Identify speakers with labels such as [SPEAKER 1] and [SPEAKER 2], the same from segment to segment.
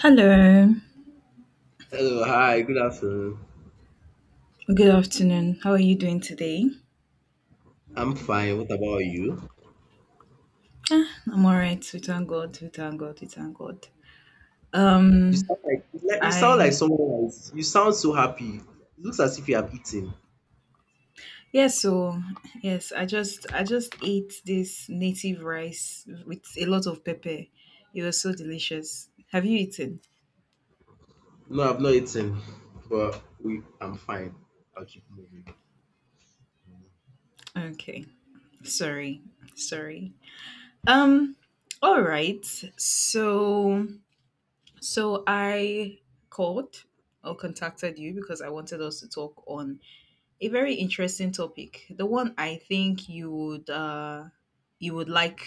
[SPEAKER 1] Hello,
[SPEAKER 2] Hello, hi, good afternoon.
[SPEAKER 1] good afternoon. How are you doing today?
[SPEAKER 2] I'm fine. What about you?
[SPEAKER 1] I'm all right. We thank God. We thank God. We thank God.
[SPEAKER 2] You
[SPEAKER 1] Um,
[SPEAKER 2] sound like you sound like
[SPEAKER 1] I
[SPEAKER 2] someone else. You sound so happy. It looks as if you have eaten.
[SPEAKER 1] yes. Yes, I just ate this native rice with a lot of pepper. It was so delicious. Have you eaten?
[SPEAKER 2] No, I've not eaten, but we I'm fine. I'll keep moving.
[SPEAKER 1] Okay. Sorry. Sorry. Um. All right. So so I called or contacted you because I wanted us to talk on a very interesting topic. The one I think you would like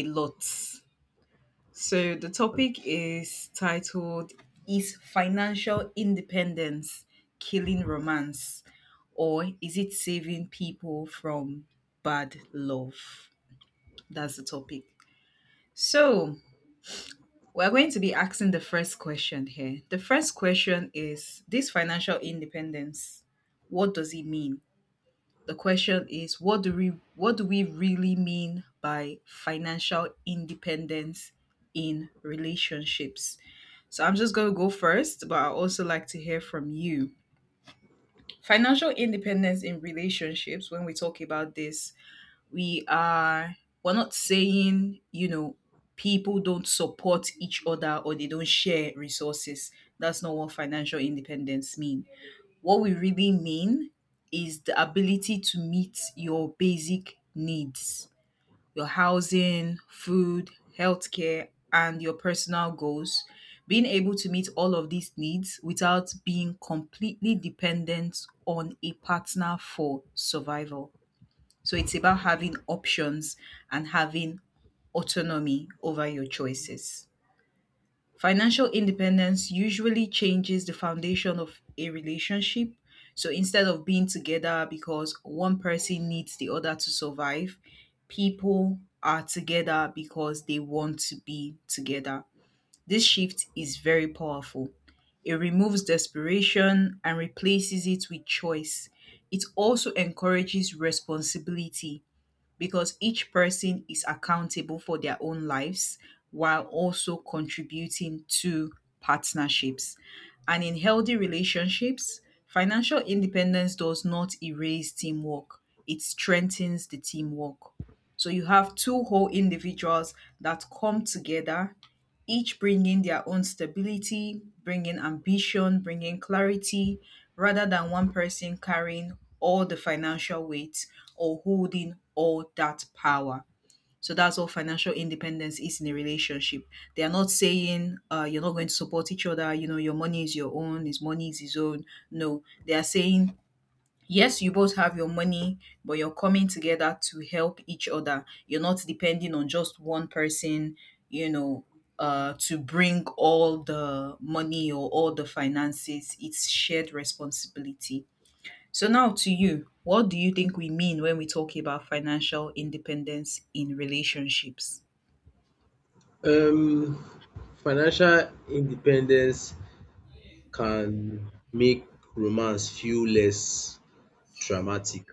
[SPEAKER 1] a lot. So the topic is titled "Is financial independence killing romance, or is it saving people from bad love?" That's the topic. So we're going to be asking the first question here. The first question is this financial independence. What does it mean? The question is what do we really mean by financial independence in relationships. So I'm just going to go first, but I also like to hear from you. Financial independence in relationships, when we talk about this, we are we're not saying, people don't support each other or they don't share resources. That's not what financial independence means. What we really mean is the ability to meet your basic needs, your housing, food, healthcare, and your personal goals. Being able to meet all of these needs without being completely dependent on a partner for survival. So it's about having options and having autonomy over your choices. Financial independence usually changes the foundation of a relationship. So instead of being together because one person needs the other to survive, people are together because they want to be together. This shift is very powerful. It removes desperation and replaces it with choice. It also encourages responsibility because each person is accountable for their own lives while also contributing to partnerships. And in healthy relationships, financial independence does not erase teamwork, it strengthens the teamwork. So you have two whole individuals that come together, each bringing their own stability, bringing ambition, bringing clarity, rather than one person carrying all the financial weight or holding all that power. So that's what financial independence is in a relationship. They are not saying, you're not going to support each other, your money is your own, his money is his own. No, they are saying, yes, you both have your money, but you're coming together to help each other. You're not depending on just one person, you know, to bring all the money or all the finances. It's shared responsibility. So, now to you, what do you think we mean when we talk about financial independence in relationships?
[SPEAKER 2] Um, Financial independence can make romance feel less dramatic.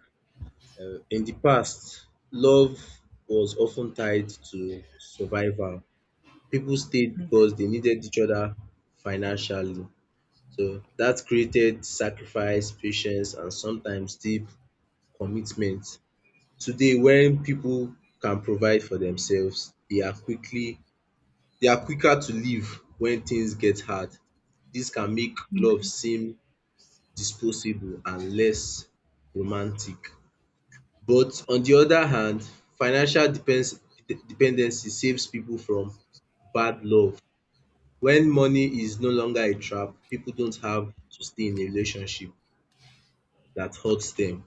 [SPEAKER 2] In the past, love was often tied to survival. People stayed because they needed each other financially. So that created sacrifice, patience and sometimes deep commitment. Today when people can provide for themselves, they are quicker to leave when things get hard. This can make love
[SPEAKER 1] Okay.
[SPEAKER 2] seem disposable and less romantic. But on the other hand, financial depends dependency saves people from bad love. When money is no longer a trap, people don't have to stay in a relationship that hurts them.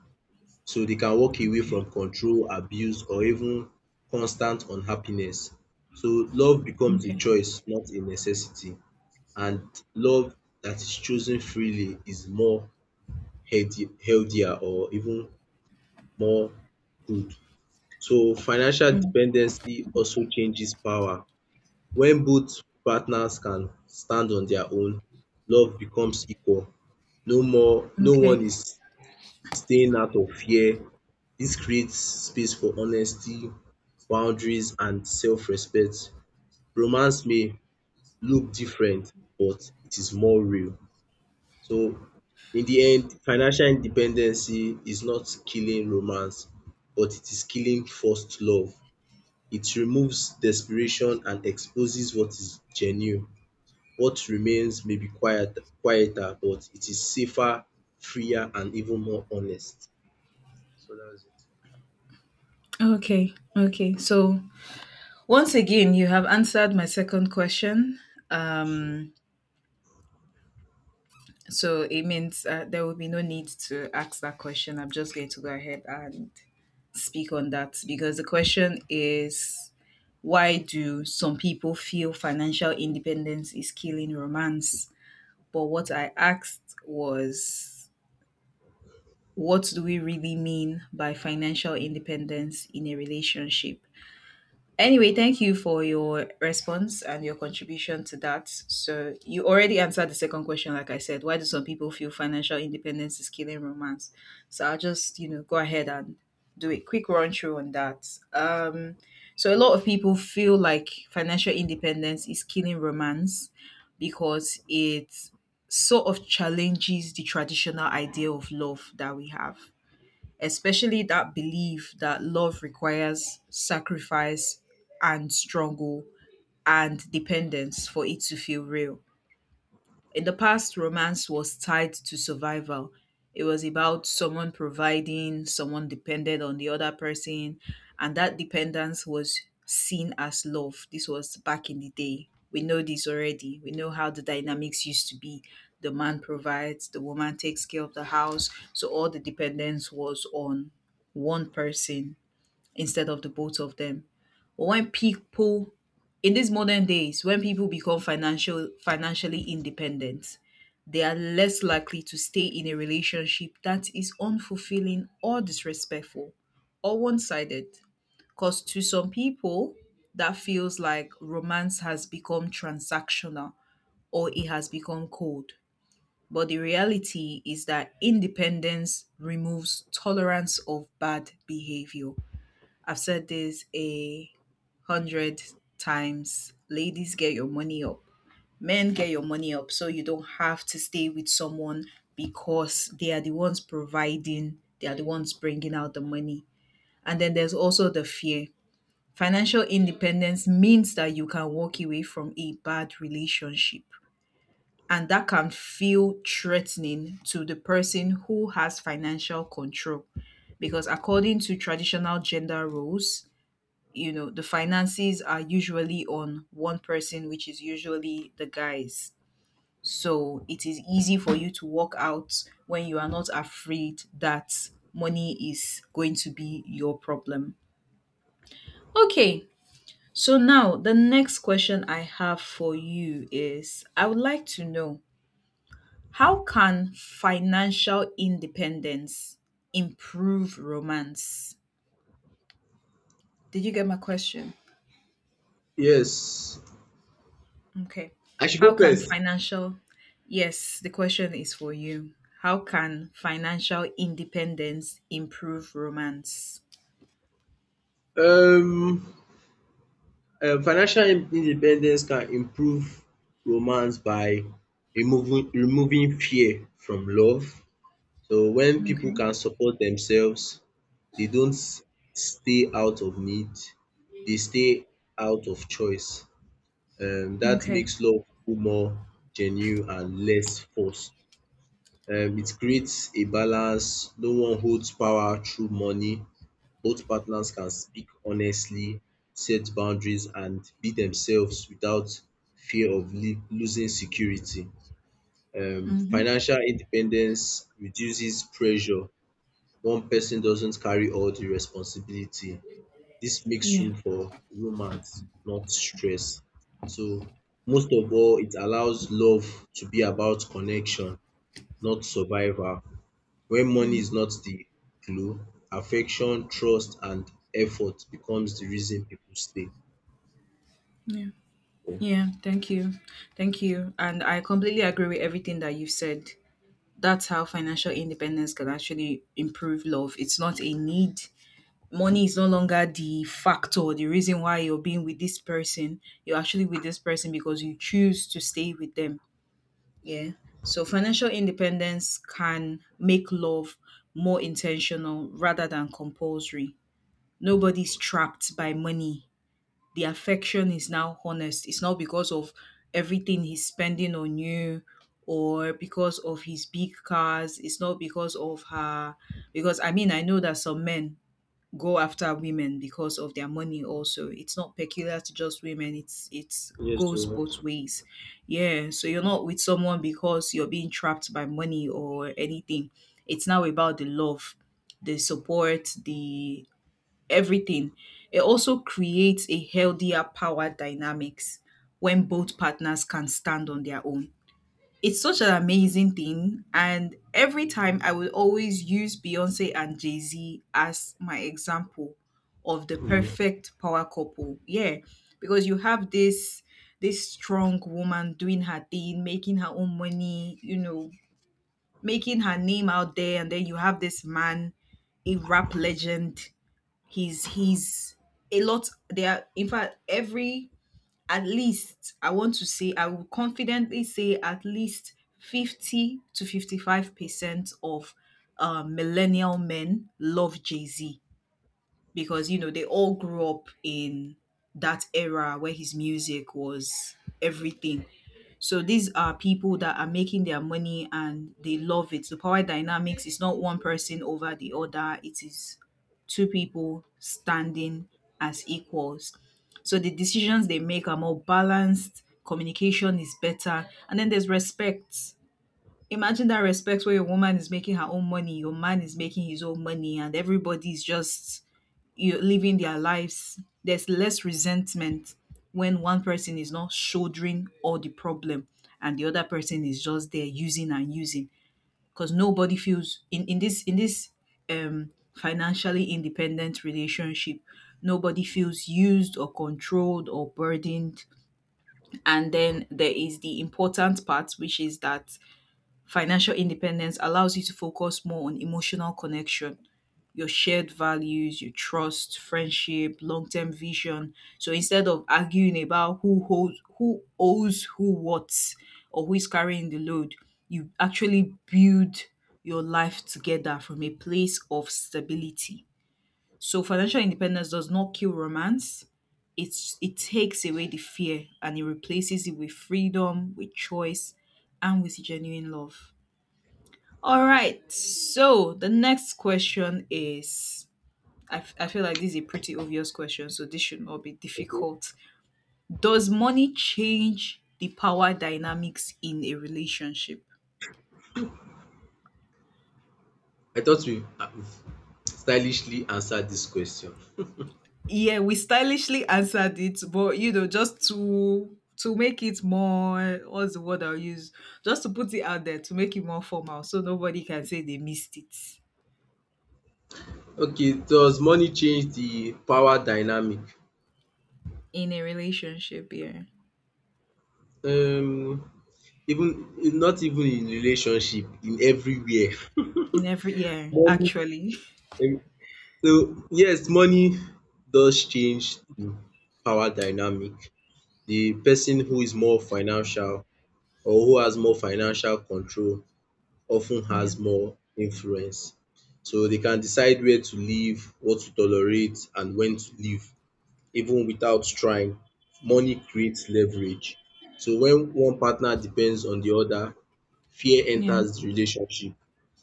[SPEAKER 2] So they can walk away from control, abuse, or even constant unhappiness. So love becomes a
[SPEAKER 1] Okay.
[SPEAKER 2] choice, not a necessity. And love that is chosen freely is more healthier or even more good. So financial
[SPEAKER 1] Mm,
[SPEAKER 2] dependency also changes power. When both partners can stand on their own, love becomes equal. No one
[SPEAKER 1] okay.
[SPEAKER 2] is staying out of fear. This creates space for honesty, boundaries and self-respect. Romance may look different but it is more real. So in the end, financial independency is not killing romance but it is killing first love. It removes desperation and exposes what is genuine. What remains may be quieter but it is safer, freer and even more honest. So that's it.
[SPEAKER 1] Okay. Okay. So once again, you have answered my second question. Um, So it means, there will be no need to ask that question. I'm just going to go ahead and speak on that because the question is, why do some people feel financial independence is killing romance? But what I asked was, what do we really mean by financial independence in a relationship? Anyway, thank you for your response and your contribution to that. So, you already answered the second question, like I said. Why do some people feel financial independence is killing romance? So, I'll just, go ahead and do a quick run through on that. Um, so, a lot of people feel like financial independence is killing romance because it sort of challenges the traditional idea of love that we have, especially that belief that love requires sacrifice and struggle and dependence for it to feel real. In the past, romance was tied to survival. It was about someone providing, someone depended on the other person, and that dependence was seen as love. This was back in the day. We know this already. We know how the dynamics used to be. The man provides, the woman takes care of the house. So all the dependence was on one person instead of the both of them. But when people in these modern days, when people become financially independent, they are less likely to stay in a relationship that is unfulfilling or disrespectful or one-sided. Because to some people, that feels like romance has become transactional or it has become cold. But the reality is that independence removes tolerance of bad behavior. I've said this a hundred times. Ladies, get your money up. Men, get your money up so you don't have to stay with someone because they are the ones providing, they are the ones bringing out the money. And then there's also the fear. Financial independence means that you can walk away from a bad relationship. And that can feel threatening to the person who has financial control because, according to traditional gender roles, the finances are usually on one person, which is usually the guys. So it is easy for you to walk out when you are not afraid that money is going to be your problem. Okay, so now the next question I have for you is, I would like to know, how can financial independence improve romance? Did you get my question?
[SPEAKER 2] Yes,
[SPEAKER 1] Okay.
[SPEAKER 2] I should
[SPEAKER 1] How
[SPEAKER 2] go
[SPEAKER 1] can
[SPEAKER 2] first.
[SPEAKER 1] financial, yes, the question is for you. How can financial independence improve romance?
[SPEAKER 2] Um, financial independence can improve romance by removing fear from love. So when people
[SPEAKER 1] Okay.
[SPEAKER 2] can support themselves, they don't s- stay out of need, they stay out of choice. That
[SPEAKER 1] Okay.
[SPEAKER 2] makes love feel more genuine and less forced. It creates a balance. No one holds power through money. Both partners can speak honestly, set boundaries, and be themselves without fear of losing security.
[SPEAKER 1] Mm-hmm.
[SPEAKER 2] Financial independence reduces pressure. One person doesn't carry all the responsibility. This makes
[SPEAKER 1] Yeah.
[SPEAKER 2] room for romance, not stress. So, most of all, it allows love to be about connection, not survival. When money
[SPEAKER 1] Mm.
[SPEAKER 2] is not the glue, affection, trust, and effort becomes the reason people stay.
[SPEAKER 1] Yeah. Yeah. Thank you. Thank you. And I completely agree with everything that you said. That's how financial independence can actually improve love. It's not a need. Money is no longer the factor, the reason why you're being with this person. You're actually with this person because you choose to stay with them. Yeah. So financial independence can make love more intentional rather than compulsory. Nobody's trapped by money. The affection is now honest. It's not because of everything he's spending on you or because of his big cars. It's not because of her. Because I mean, I know that some men go after women because of their money. Also, it's not peculiar to just women, it's
[SPEAKER 2] Yes,
[SPEAKER 1] goes
[SPEAKER 2] sir.
[SPEAKER 1] both ways. Yeah. So you're not with someone because you're being trapped by money or anything. It's now about the love, the support, the everything. It also creates a healthier power dynamics when both partners can stand on their own. It's such an amazing thing. And every time I would always use Beyonce and Jay Z as my example of the
[SPEAKER 2] Mm.
[SPEAKER 1] perfect power couple. Yeah. Because you have this strong woman doing her thing, making her own money, making her name out there, and then you have this man, a rap legend. He's a lot. They are, in fact, every at least, I will confidently say at least 50 to 55% of millennial men love Jay-Z, because they all grew up in that era where his music was everything. So these are people that are making their money and they love it. The power dynamics is not one person over the other, it is two people standing as equals. So the decisions they make are more balanced, communication is better, and then there's respect. Imagine that respect where your woman is making her own money, your man is making his own money, and everybody's just you living their lives. There's less resentment when one person is not shouldering all the problem and the other person is just there using and using, because nobody feels in this financially independent relationship, nobody feels used or controlled or burdened. And then there is the important part, which is that financial independence allows you to focus more on emotional connection, your shared values, your trust, friendship, long-term vision. So instead of arguing about who holds, who owes who what, or who is carrying the load, you actually build your life together from a place of stability. So financial independence does not kill romance. It takes away the fear and it replaces it with freedom, with choice, and with genuine love. All right. So the next question is, I feel like this is a pretty obvious question, so this should not be difficult. Does money change the power dynamics in a relationship?
[SPEAKER 2] I thought we have stylishly answered this question.
[SPEAKER 1] Yeah, we stylishly answered it, but just to make it more, what's the word I'll use? Just to put it out there to make it more formal so nobody can say they missed it.
[SPEAKER 2] Okay, does money change the power dynamic?
[SPEAKER 1] In a relationship, yeah.
[SPEAKER 2] Um, even not even in relationship, in everywhere.
[SPEAKER 1] In every year,
[SPEAKER 2] Money.
[SPEAKER 1] actually.
[SPEAKER 2] em- So yes, money does change the power dynamic. The person who is more financial or who has more financial control often
[SPEAKER 1] Yeah.
[SPEAKER 2] has more influence. So they can decide where to live, what to tolerate and when to leave even without trying. Money creates leverage. So when one partner depends on the other, fear
[SPEAKER 1] Yeah.
[SPEAKER 2] enters the relationship.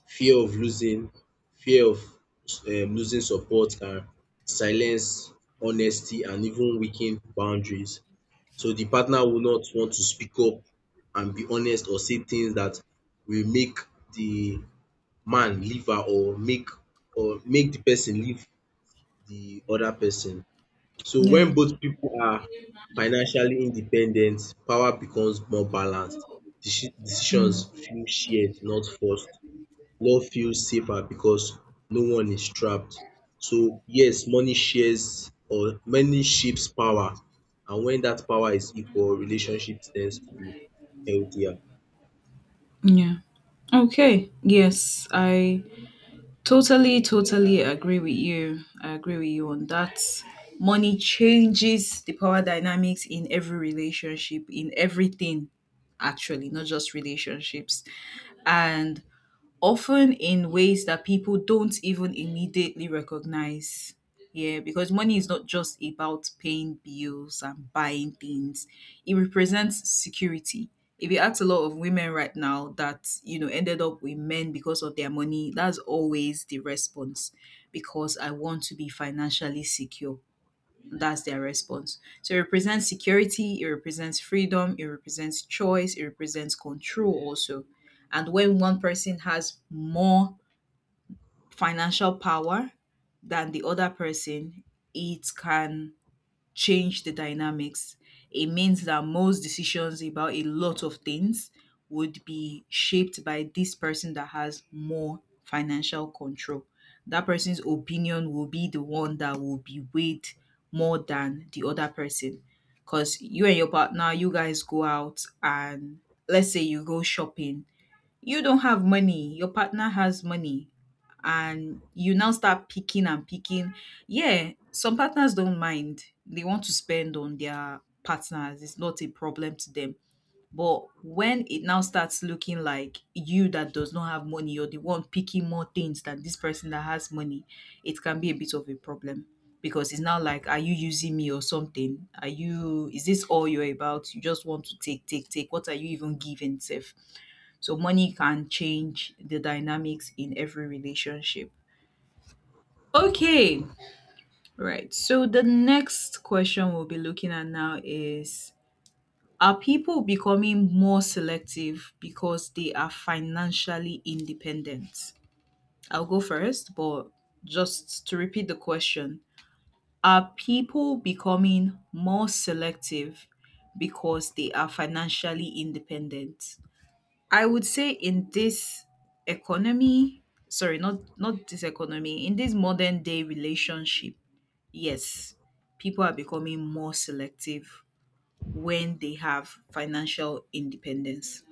[SPEAKER 2] Fear of losing, fear of losing support can silence honesty and even weaken boundaries. So the partner will not want to speak up and be honest or say things that will make the man leave her, or make the person leave the other person. So
[SPEAKER 1] Yeah.
[SPEAKER 2] when both people are financially independent, power becomes more balanced. Decisions
[SPEAKER 1] Mm.
[SPEAKER 2] feel shared, not forced. No feels safer because no one is trapped. So yes, money shares or money shapes power, and when that power is equal, relationship tends to be healthier.
[SPEAKER 1] Yeah. Okay. Yes, I totally, totally agree with you. I agree with you on that. Money changes the power dynamics in every relationship, in everything, actually, not just relationships. And often in ways that people don't even immediately recognize. Yeah, because money is not just about paying bills and buying things. It represents security. If you ask a lot of women right now that, ended up with men because of their money, that's always the response. Because I want to be financially secure. That's their response. So it represents security, it represents freedom, it represents choice, it represents control also. And when one person has more financial power than the other person, it can change the dynamics. It means that most decisions about a lot of things would be shaped by this person that has more financial control. That person's opinion will be the one that will be weighed more than the other person. Because you and your partner, you guys go out and let's say you go shopping, you don't have money, your partner has money, and you now start picking and picking. Yeah, some partners don't mind. They want to spend on their partners. It's not a problem to them. But when it now starts looking like you that does not have money, you're the one picking more things than this person that has money, it can be a bit of a problem. Because it's now like, are you using me or something? Are you, is this all you're about? You just want to take, take, take. What are you even giving, Seth? So money can change the dynamics in every relationship. Okay, right. So the next question we'll be looking at now is, are people becoming more selective because they are financially independent? I'll go first, but just to repeat the question, are people becoming more selective because they are financially independent? I would say in this economy, sorry, not this economy, in this modern day relationship, yes, people are becoming more selective when they have financial independence.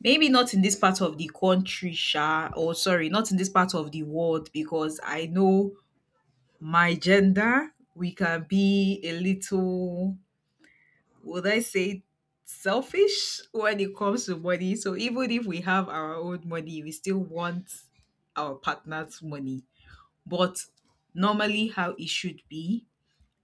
[SPEAKER 1] Maybe not in this part of the country, sha, or sorry, not in this part of the world, because I know my gender, we can be a little, would I say, selfish when it comes to money. So even if we have our own money, we still want our partner's money. But normally how it should be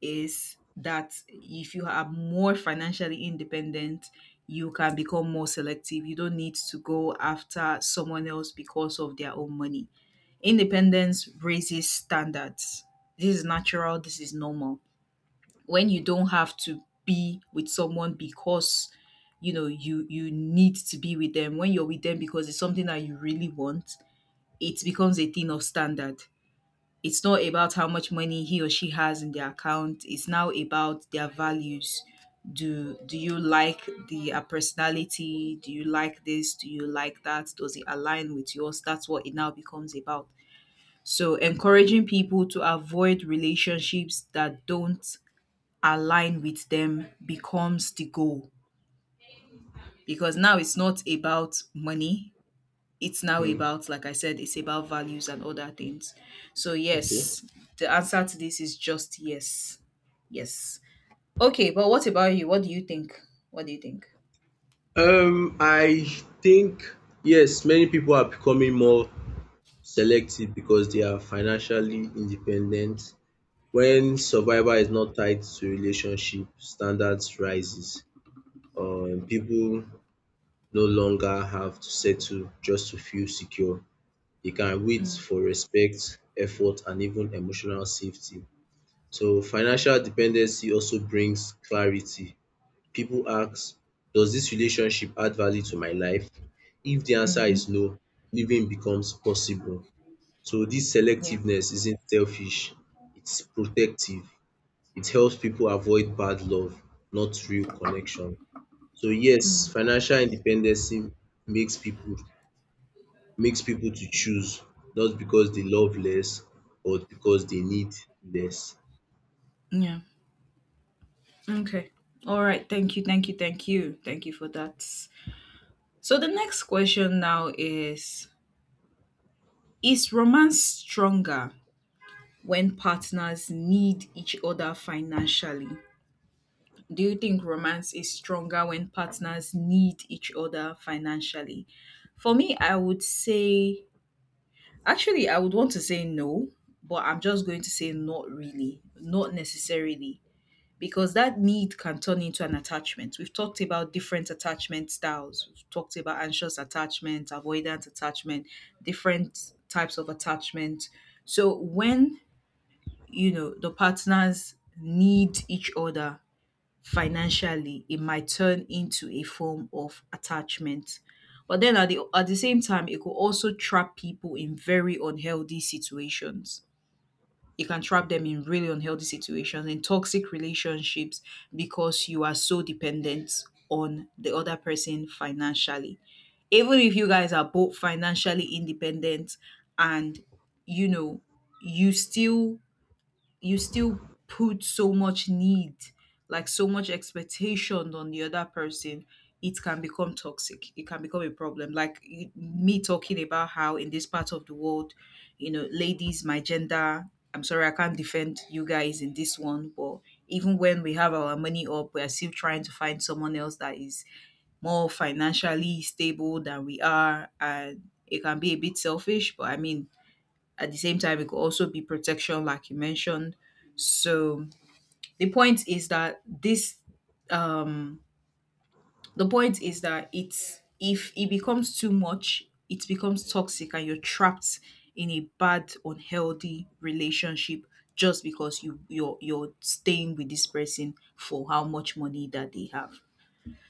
[SPEAKER 1] is that if you are more financially independent, you can become more selective. You don't need to go after someone else because of their own money. Independence raises standards. This is natural, this is normal. When you don't have to be with someone because you need to be with them, when you're with them because it's something that you really want, it becomes a thing of standard. It's not about how much money he or she has in their account, it's now about their values. Do you like the personality, do you like this, do you like that, does it align with yours? That's what it now becomes about. So encouraging people to avoid relationships that don't align with them becomes the goal, because now it's not about money, it's now
[SPEAKER 2] Hmm.
[SPEAKER 1] about, like I said, it's about values and other things. So
[SPEAKER 2] Okay.
[SPEAKER 1] yes, the answer to this is just yes. Yes. Okay, but what about you, what do you think? What do you think?
[SPEAKER 2] I think yes, many people are becoming more selective because they are financially independent. When survival is not tied to relationship, standards rises. People no longer have to settle just to feel secure. They can wait
[SPEAKER 1] Mm.
[SPEAKER 2] for respect, effort and even emotional safety. So financial dependency also brings clarity. People ask, does this relationship add value to my life? If the answer is
[SPEAKER 1] Mm-hmm.
[SPEAKER 2] no, living becomes possible. So this
[SPEAKER 1] Yeah.
[SPEAKER 2] selectiveness isn't selfish, it's protective. It helps people avoid bad love, not real connection. So yes,
[SPEAKER 1] Mm,
[SPEAKER 2] financial independency makes people makes people to choose, not because they love less or because they need less.
[SPEAKER 1] yeah. Okay. All right. Thank you. Thank you. Thank you. Thank you for that. So the next question now is romance stronger when partners need each other financially? Do you think romance is stronger when partners need each other financially? For me, I would say, actually, I would want to say no, but I'm just going to say not really, not necessarily, because that need can turn into an attachment. We've talked about different attachment styles, we've talked about anxious attachment, avoidant attachment, different types of attachment. So when you know the partners need each other financially, it might turn into a form of attachment, but then at the same time it could also trap people in very unhealthy situations. It can trap them in really unhealthy situations, in toxic relationships, because you are so dependent on the other person financially. Even if you guys are both financially independent and you know, you still, you still put so much need, like so much expectation on the other person, it can become toxic. It can become a problem. Like me talking about how in this part of the world, you know, ladies, my gender, I'm sorry, I can't defend you guys in this one, but even when we have our money up, we are still trying to find someone else that is more financially stable than we are. And it can be a bit selfish, but I mean, at the same time, it could also be protection, like you mentioned. So the point is that um, the point is that it's if it becomes too much, it becomes toxic, and you're trapped in a bad, unhealthy relationship just because you're staying with this person for how much money that they have.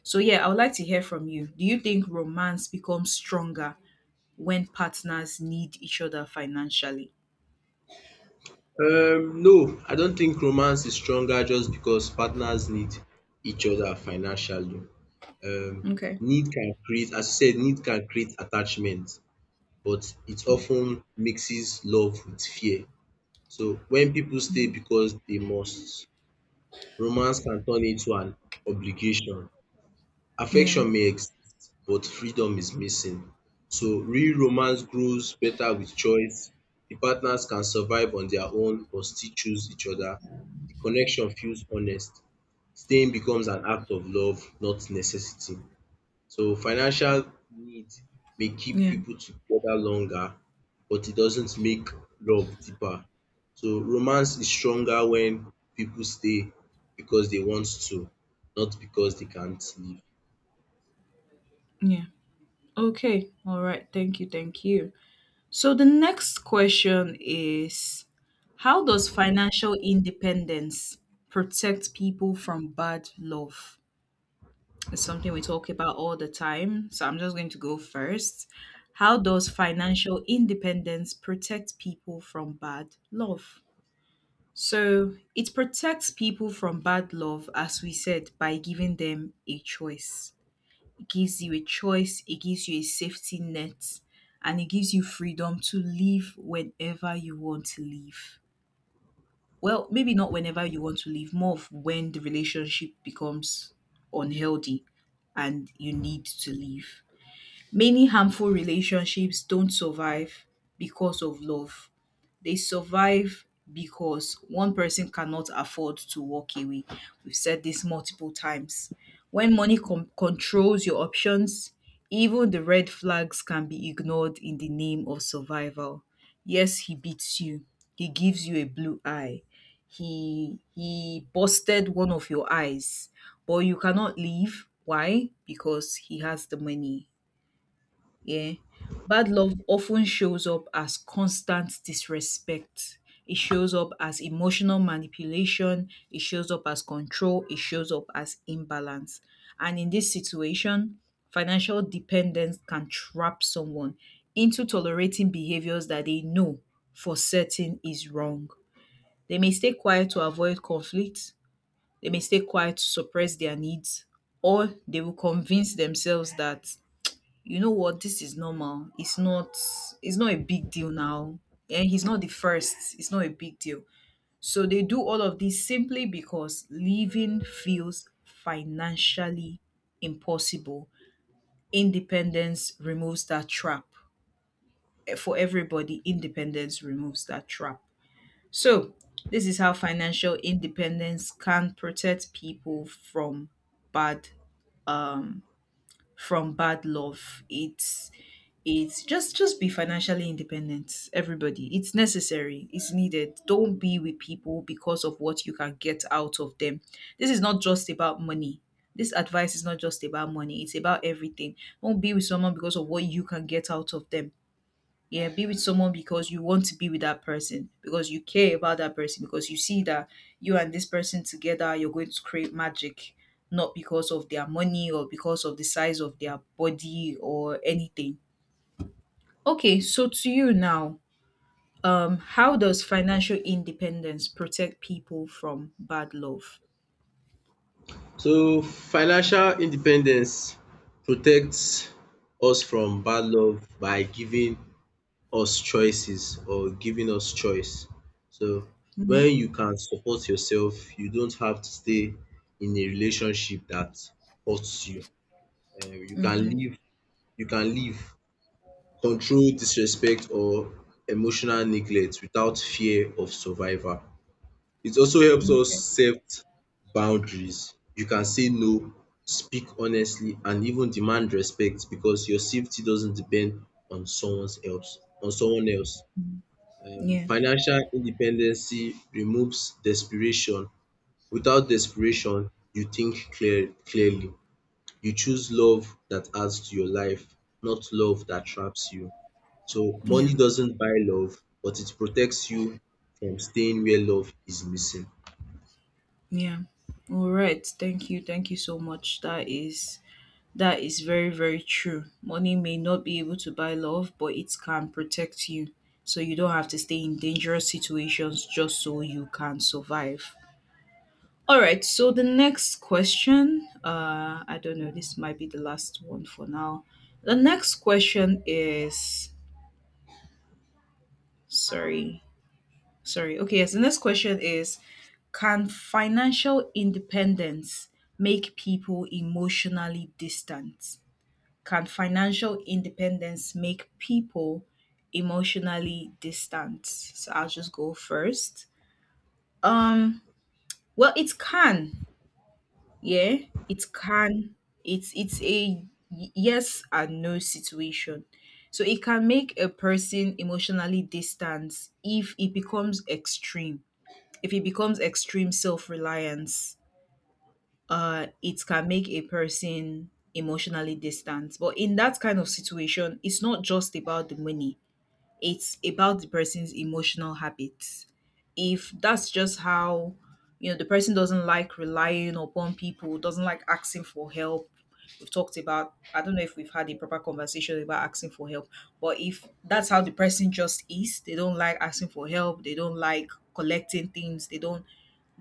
[SPEAKER 1] So yeah, I would like to hear from you. Do you think romance becomes stronger when partners need each other financially?
[SPEAKER 2] No, I don't think romance is stronger just because partners need each other financially. Um
[SPEAKER 1] Okay.
[SPEAKER 2] Need can create, as you said, need can create attachment, but it often mixes love with fear. So when people stay because they must, romance can turn into an obligation.
[SPEAKER 1] Yeah.
[SPEAKER 2] Affection may exist, but freedom is missing. So real romance grows better with choice. The partners can survive on their own but still choose each other. The connection feels honest. Staying becomes an act of love, not necessity. So financial need may keep
[SPEAKER 1] Yeah,
[SPEAKER 2] people together longer, but it doesn't make love deeper. So romance is stronger when people stay because they want to, not because they can't leave.
[SPEAKER 1] yeah. Okay. All right. Thank you. Thank you. So the next question is, how does financial independence protect people from bad love? It's something we talk about all the time. So I'm just going to go first. How does financial independence protect people from bad love? So it protects people from bad love, as we said, by giving them a choice. It gives you a choice, it gives you a safety net, and it gives you freedom to live whenever you want to live. Well, maybe not whenever you want to live, more of when the relationship becomes unhealthy and you need to leave. Many harmful relationships don't survive because of love. They survive because one person cannot afford to walk away. We've said this multiple times. When controls your options, even the red flags can be ignored in the name of survival. Yes, he beats you. He gives you a blue eye. He busted one of your eyes, but you cannot leave. Why? Because he has the money. Yeah. Bad love often shows up as constant disrespect. It shows up as emotional manipulation. It shows up as control. It shows up as imbalance. And in this situation, financial dependence can trap someone into tolerating behaviors that they know for certain is wrong. They may stay quiet to avoid conflict. They may stay quiet to suppress their needs. Or they will convince themselves that, you know what, this is normal. It's not a big deal now. And he's not the first. It's not a big deal. So they do all of this simply because living feels financially impossible. Independence removes that trap. For everybody, independence removes that trap. So this is how financial independence can protect people bad from bad love. It's just be financially independent, everybody. It's necessary. It's needed. Don't be with people because of what you can get out of them. This is not just about money. This advice is not just about money. It's about everything. Don't be with someone because of what you can get out of them. Yeah, be with someone because you want to be with that person, because you care about that person, because you see that you and this person together, you're going to create magic, not because of their money or because of the size of their body or anything. Okay, so to you now, how does financial independence protect people from bad love?
[SPEAKER 2] So financial independence protects us from bad love by giving us choices or giving us choice. So
[SPEAKER 1] Yeah.
[SPEAKER 2] when you can support yourself, you don't have to stay in a relationship that hurts you. You can
[SPEAKER 1] Hmm.
[SPEAKER 2] you can leave control, disrespect or emotional neglect without fear of survival. It also helps us set boundaries. You can say no, speak honestly, and even demand respect because your safety doesn't depend on someone else. On someone else.
[SPEAKER 1] Yeah.
[SPEAKER 2] Financial independency removes desperation. Without desperation, you think clearly. You choose love that adds to your life, not love that traps you. So
[SPEAKER 1] Yeah.
[SPEAKER 2] money doesn't buy love, but it protects you from staying where love is missing.
[SPEAKER 1] Yeah. All right. Thank you. Thank you so much. That is, that is very, very true. Money may not be able to buy love, but it can protect you. So you don't have to stay in dangerous situations just so you can survive. All right, so the next question, I don't know, this might be the last one for now. The next question is, sorry, sorry. Okay, yes, the next question is, can financial independence make people emotionally distant? Can financial independence make people emotionally distant? So I'll just go first. Um, well, it can. Yeah, it can. It's a yes and no situation. So it can make a person emotionally distant if it becomes extreme. If it becomes extreme self-reliance, it can make a person emotionally distant. But in that kind of situation, it's not just about the money. It's about the person's emotional habits. If that's just how, you know, the person doesn't like relying upon people, doesn't like asking for help. We've talked about, I don't know if we've had a proper conversation about asking for help, but if that's how the person just is, they don't like asking for help, they don't like collecting things, they don't,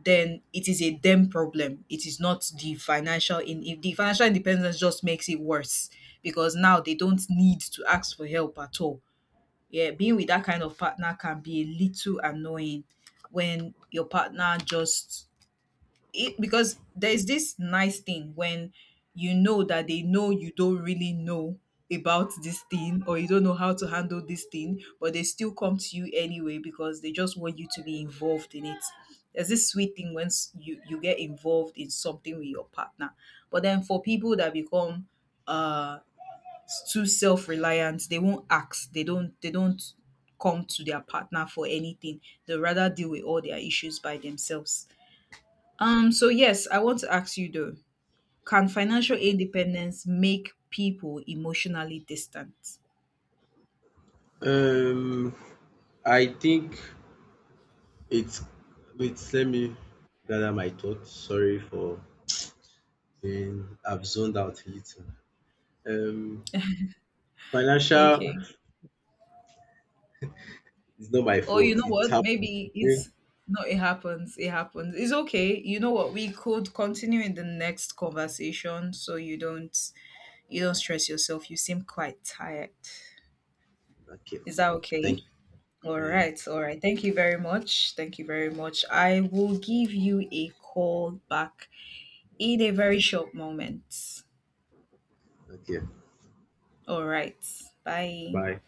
[SPEAKER 1] then it is a them problem. It is not the financial, in if the financial independence just makes it worse because now they don't need to ask for help at all. Yeah, being with that kind of partner can be a little annoying when your partner just, it because there's this nice thing when you know that they know you don't really know about this thing, or you don't know how to handle this thing, but they still come to you anyway because they just want you to be involved in it. There's this sweet thing when you, get involved in something with your partner. But then for people that become uh too self-reliant, they won't ask, they don't come to their partner for anything. They rather deal with all their issues by themselves. So yes, I want to ask you though, can financial independence make people emotionally distant?
[SPEAKER 2] Um, I think it's wait, let me gather my thoughts. Sorry for being I've zoned out a little. Um, Financial
[SPEAKER 1] Okay,
[SPEAKER 2] is not my
[SPEAKER 1] or you
[SPEAKER 2] fault.
[SPEAKER 1] know
[SPEAKER 2] It's
[SPEAKER 1] what,
[SPEAKER 2] happened.
[SPEAKER 1] maybe
[SPEAKER 2] Okay.
[SPEAKER 1] it's, no, it happens, it happens. It's okay, you know what, we could continue in the next conversation, so you don't stress yourself, you seem quite tired.
[SPEAKER 2] Okay.
[SPEAKER 1] Is that
[SPEAKER 2] Thank
[SPEAKER 1] okay? All
[SPEAKER 2] you.
[SPEAKER 1] right, all right. Thank you very much. Thank you very much. I will give you a call back in a very short moment.
[SPEAKER 2] Okay.
[SPEAKER 1] All right. Bye.
[SPEAKER 2] Bye.